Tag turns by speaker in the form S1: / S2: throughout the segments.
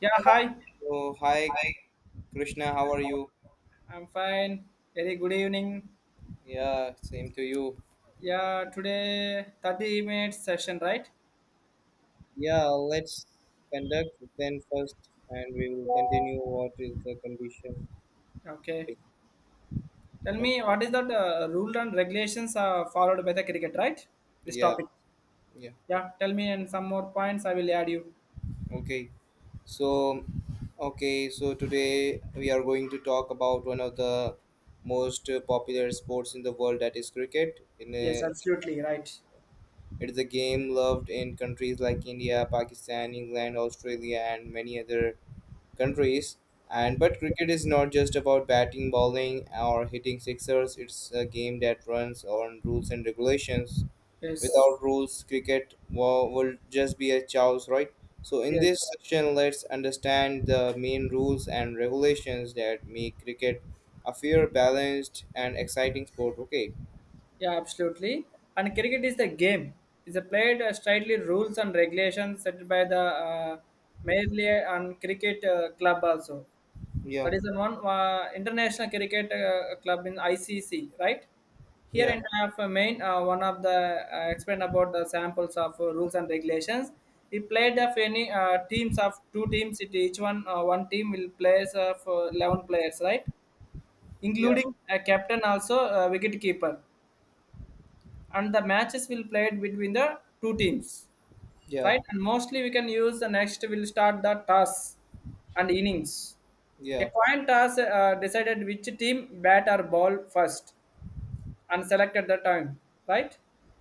S1: Yeah, hi.
S2: So, hi Krishna, how are you?
S1: I'm fine. Very good evening.
S2: Yeah, same to you.
S1: Yeah, today 30 minutes session, right?
S2: Yeah, let's conduct then first and we will continue what is the condition.
S1: Okay.
S2: Okay.
S1: Tell me, what is that rule and regulations are followed by the cricket, right? This
S2: Yeah,
S1: topic.
S2: yeah.
S1: Yeah, tell me and some more points I will add you.
S2: Okay. So, okay, so today we are going to talk about one of the most popular sports in the world, that is cricket.
S1: Yes, absolutely, right.
S2: It is a game loved in countries like India, Pakistan, England, Australia and many other countries. And but cricket is not just about batting, bowling, or hitting sixers. It's a game that runs on rules and regulations.
S1: Yes,
S2: Without rules, cricket will just be a chaos, right? So in
S1: yes.
S2: this section, let's understand the main rules and regulations that make cricket a fair, balanced, and exciting sport. Okay.
S1: Yeah, absolutely. And cricket is the game. It's a played strictly rules and regulations set by the merely and cricket club also.
S2: Yeah.
S1: That is the one international cricket club in ICC, right? Here
S2: Yeah.
S1: in main, one of the explain about the samples of rules and regulations. He played of any teams of two teams. It each one team will plays of 11 players, right?
S2: Yeah.
S1: Including a captain also wicket keeper, and the matches will played between the two teams
S2: Yeah.
S1: right? And mostly we can use the next will start the toss and innings. A
S2: Yeah.
S1: coin toss decided which team bat or ball first and selected the time, right?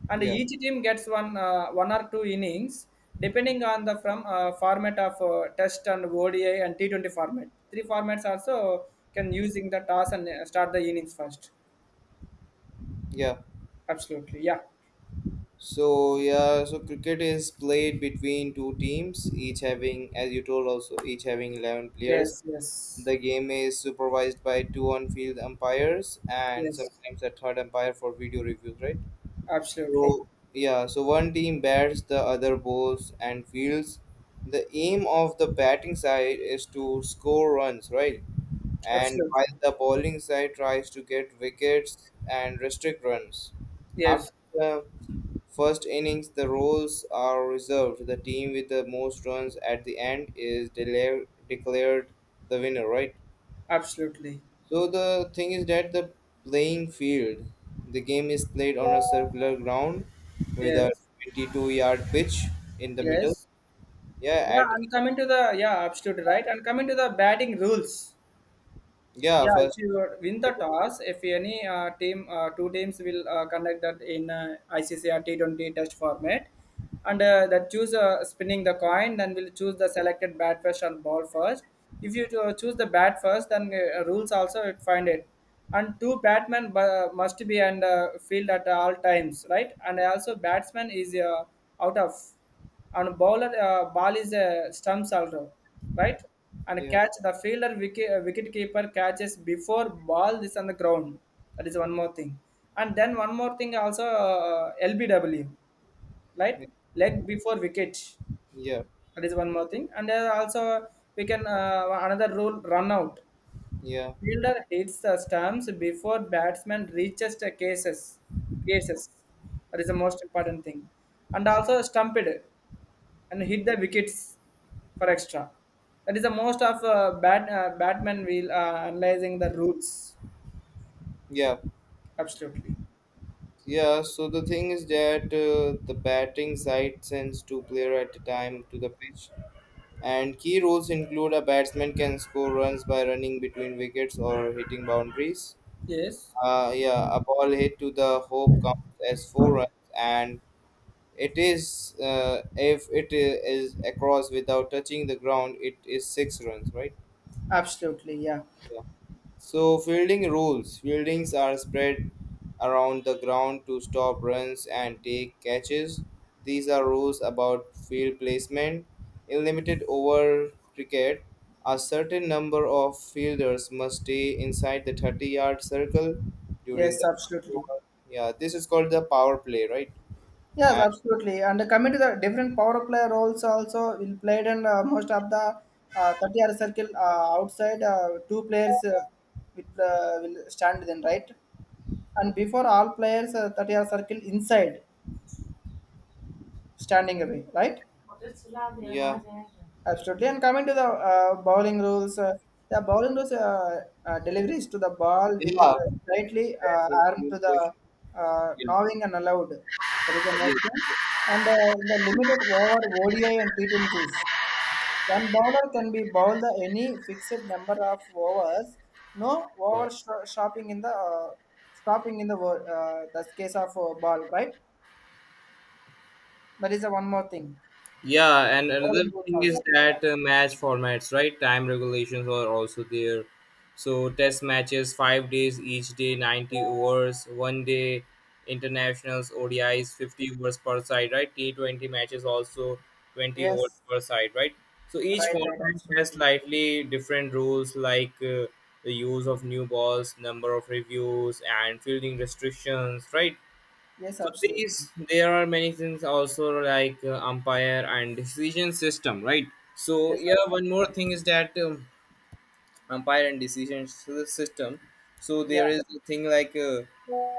S1: And
S2: Yeah.
S1: each team gets one or two innings depending on the from format of test and ODI and T20 format. Three formats also can using the toss and start the innings first.
S2: Yeah.
S1: Absolutely, yeah.
S2: So yeah, so cricket is played between two teams, each having, as you told, also each having 11 players.
S1: Yes, yes,
S2: The game is supervised by two on-field umpires and
S1: yes.
S2: sometimes a third umpire for video reviews, right?
S1: Absolutely,
S2: So yeah, so one team bats, the other bowls and fields. The aim of the batting side is to score runs, right? And
S1: absolutely.
S2: while the bowling side tries to get wickets and restrict runs. After
S1: Yes,
S2: the first innings, the roles are reserved. The team with the most runs at the end is declared the winner, right?
S1: absolutely.
S2: So the thing is that the playing field, the game is played on a circular ground with a
S1: Yes.
S2: 22-yard pitch in the middle.
S1: Yes.
S2: Yeah,
S1: Yeah,
S2: at
S1: and coming to the, yeah, absolutely right. And coming to the batting rules.
S2: yeah
S1: Yeah, if
S2: first.
S1: you win
S2: I
S1: the
S2: took-
S1: toss, if any team, two teams will conduct that in ICC or T20 test format, and that choose spinning the coin, then we'll choose the selected bat first and ball first. If you choose the bat first, then rules also it find it, and two batmen must be on the field at all times, right? And also batsman is out of and bowler ball is a stumps also, right? And
S2: Yeah,
S1: catch the fielder wicket keeper catches before ball is on the ground. That is one more thing. And then one more thing also LBW, right? Leg before wicket.
S2: yeah,
S1: That is one more thing. And there are also we can another rule run out.
S2: yeah,
S1: Fielder hits the stumps before batsman reaches the cases. Cases. That is the most important thing. And also stumped and hit the wickets for extra. That is the most of batman will analyzing the rules.
S2: yeah,
S1: Absolutely.
S2: yeah. So the thing is that the batting side sends two player at a time to the pitch, and key rules include a batsman can score runs by running between wickets or hitting boundaries.
S1: Yes.
S2: Yeah, a ball hit to the hoop comes as four runs, and it is if it is across without touching the ground, it is six runs, right?
S1: Absolutely. Yeah.
S2: Yeah. So fielding rules. Fieldings are spread around the ground to stop runs and take catches. These are rules about field placement. In limited over cricket, a certain number of fielders must stay inside the 30-yard circle during
S1: Yes.
S2: the first
S1: Absolutely.
S2: over. Yeah, this is called the power play, right?
S1: Yes.
S2: And
S1: Absolutely. And coming to the different power player roles also will played and most of the 30-yard circle outside two players will stand then right, and before all players 30-yard circle inside standing away right.
S2: yeah,
S1: Absolutely. And coming to the bowling rules, deliveries to the ball within
S2: yeah.
S1: a slightly
S2: That's a
S1: arm
S2: good
S1: to
S2: question.
S1: the
S2: Yeah.
S1: knowing and allowed. That is the next
S2: Yes.
S1: one. And the limited over ODI and T20s. One bowler can be bowled the any fixed number of overs. No
S2: Yeah.
S1: over shopping in the stopping in the the case of ball, right? That is the one more thing.
S2: Yeah, and
S1: Bowling
S2: another
S1: rules
S2: thing is
S1: also. Yeah.
S2: that match formats, right? Time regulations are also there. So test matches, 5 days each day, 90 overs, one day internationals, ODIs, 50 overs per side, right? T20 matches also 20 overs
S1: Yes.
S2: per side, right? So each
S1: Right. Right.
S2: format has
S1: Absolutely.
S2: slightly different rules like the use of new balls, number of reviews, and fielding restrictions, right?
S1: Yes,
S2: So
S1: absolutely.
S2: these there are many things also like umpire and decision system, right? So
S1: Yes,
S2: yeah, one more
S1: absolutely.
S2: thing is that umpire and decision system. So there
S1: Yeah,
S2: is a thing like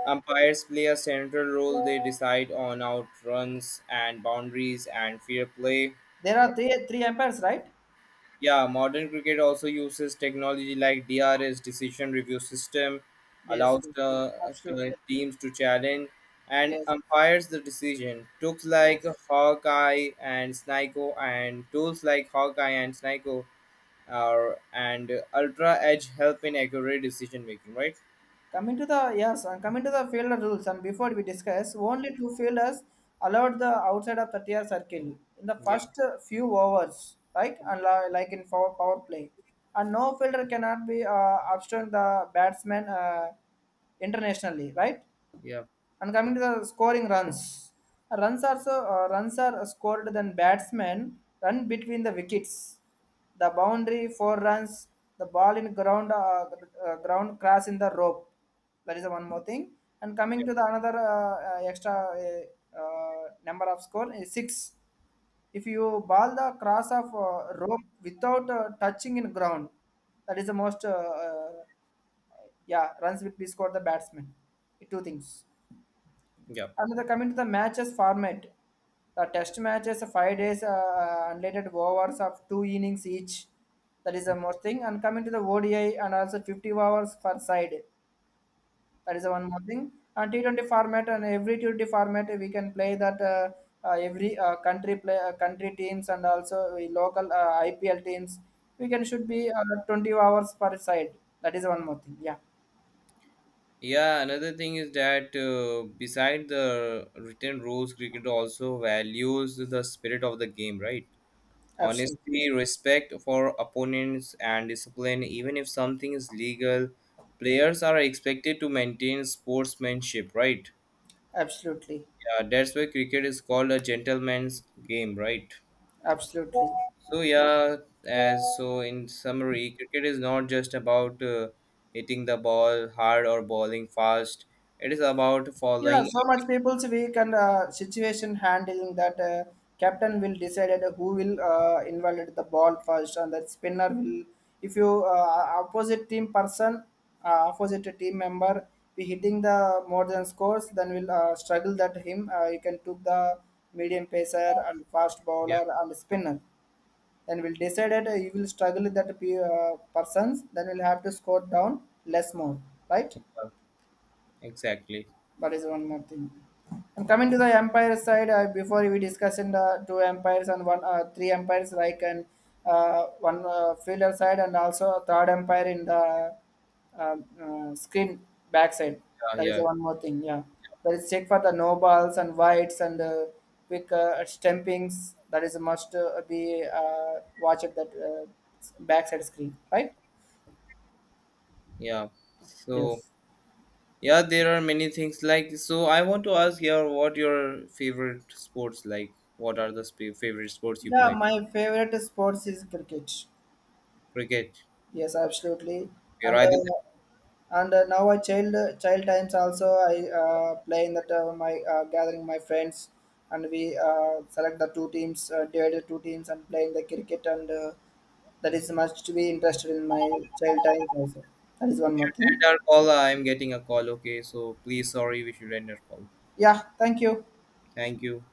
S2: umpires play a central role. They decide on out runs and boundaries and fair play.
S1: there are three empires, right?
S2: Yeah, modern cricket also uses technology like DRS decision review system,
S1: Yes,
S2: allows
S1: yes,
S2: the
S1: absolutely.
S2: teams to challenge and
S1: Yes,
S2: umpires the decision. Tools like
S1: yes.
S2: Hawkeye and Snyko are and Ultra Edge help in accurate decision making, right?
S1: Coming to the, yes, and coming to the fielder rules, and before we discuss, only two fielders allowed the outside of the TR circle in the
S2: Yeah,
S1: first few overs, right? And like in power play, and no fielder cannot be obstruct the batsman internationally, right?
S2: yeah,
S1: And coming to the scoring runs, runs are scored than batsmen run between the wickets, the boundary four runs, the ball in ground ground crash in the rope. That is the one more thing. And coming
S2: yeah,
S1: to the another extra number of score is six. If you ball the cross of rope without touching in ground, that is the most uh, yeah runs will be scored the batsman. Two things.
S2: yeah.
S1: And the coming to the matches format, the test matches 5 days unrelated overs of two innings each. That is the
S2: Hmm.
S1: more thing. And coming to the ODI and also 50 overs per side. That is the one more thing. And T20 format and every T20 format we can play that every country play country teams and also the local IPL teams. We can should be 20 hours per side. That is one more thing. Yeah,
S2: Yeah, another thing is that beside the written rules, cricket also values the spirit of the game, right?
S1: absolutely,
S2: Honesty, respect for opponents, and discipline, even if something is legal, players are expected to maintain sportsmanship, right?
S1: absolutely,
S2: Yeah, that's why cricket is called a gentleman's game, right?
S1: absolutely.
S2: So, yeah, as so in summary, cricket is not just about hitting the ball hard or bowling fast, it is about
S1: Yeah,
S2: following.
S1: so much people's week and situation handling that captain will decide who will invalidate the ball first and that spinner will. If you opposite team person, opposite team member be hitting the more than scores, then will struggle that him. You can took the medium pacer and fast
S2: Yeah,
S1: bowler and spinner. Then will decide that you will struggle with that persons. Then will have to score down less more, right?
S2: exactly.
S1: That is one more thing. And coming to the empire side, before we discussed in the two empires and one, three empires like, and one fielder side and also a third empire in the uh, screen backside.
S2: Yeah,
S1: That is
S2: yeah,
S1: one more thing. Yeah, that is check for the nobles and whites and quick stampings. That is must be watch at that backside screen, right?
S2: yeah. So,
S1: Yes.
S2: yeah, there are many things like so. I want to ask here what your favorite sports like? What are the favorite sports you
S1: Yeah,
S2: play?
S1: my favorite sports is cricket.
S2: Cricket.
S1: Yes, absolutely.
S2: We're
S1: And
S2: either
S1: uh, and now I child times also I play in that my gathering my friends, and we select the two teams divided two teams and playing the cricket, and that is much to be interested in my child times also. That is
S2: we
S1: one more
S2: should
S1: thing.
S2: end our call. I'm getting a call. Okay, so please, sorry, we should end our call.
S1: Yeah, thank you.
S2: Thank you.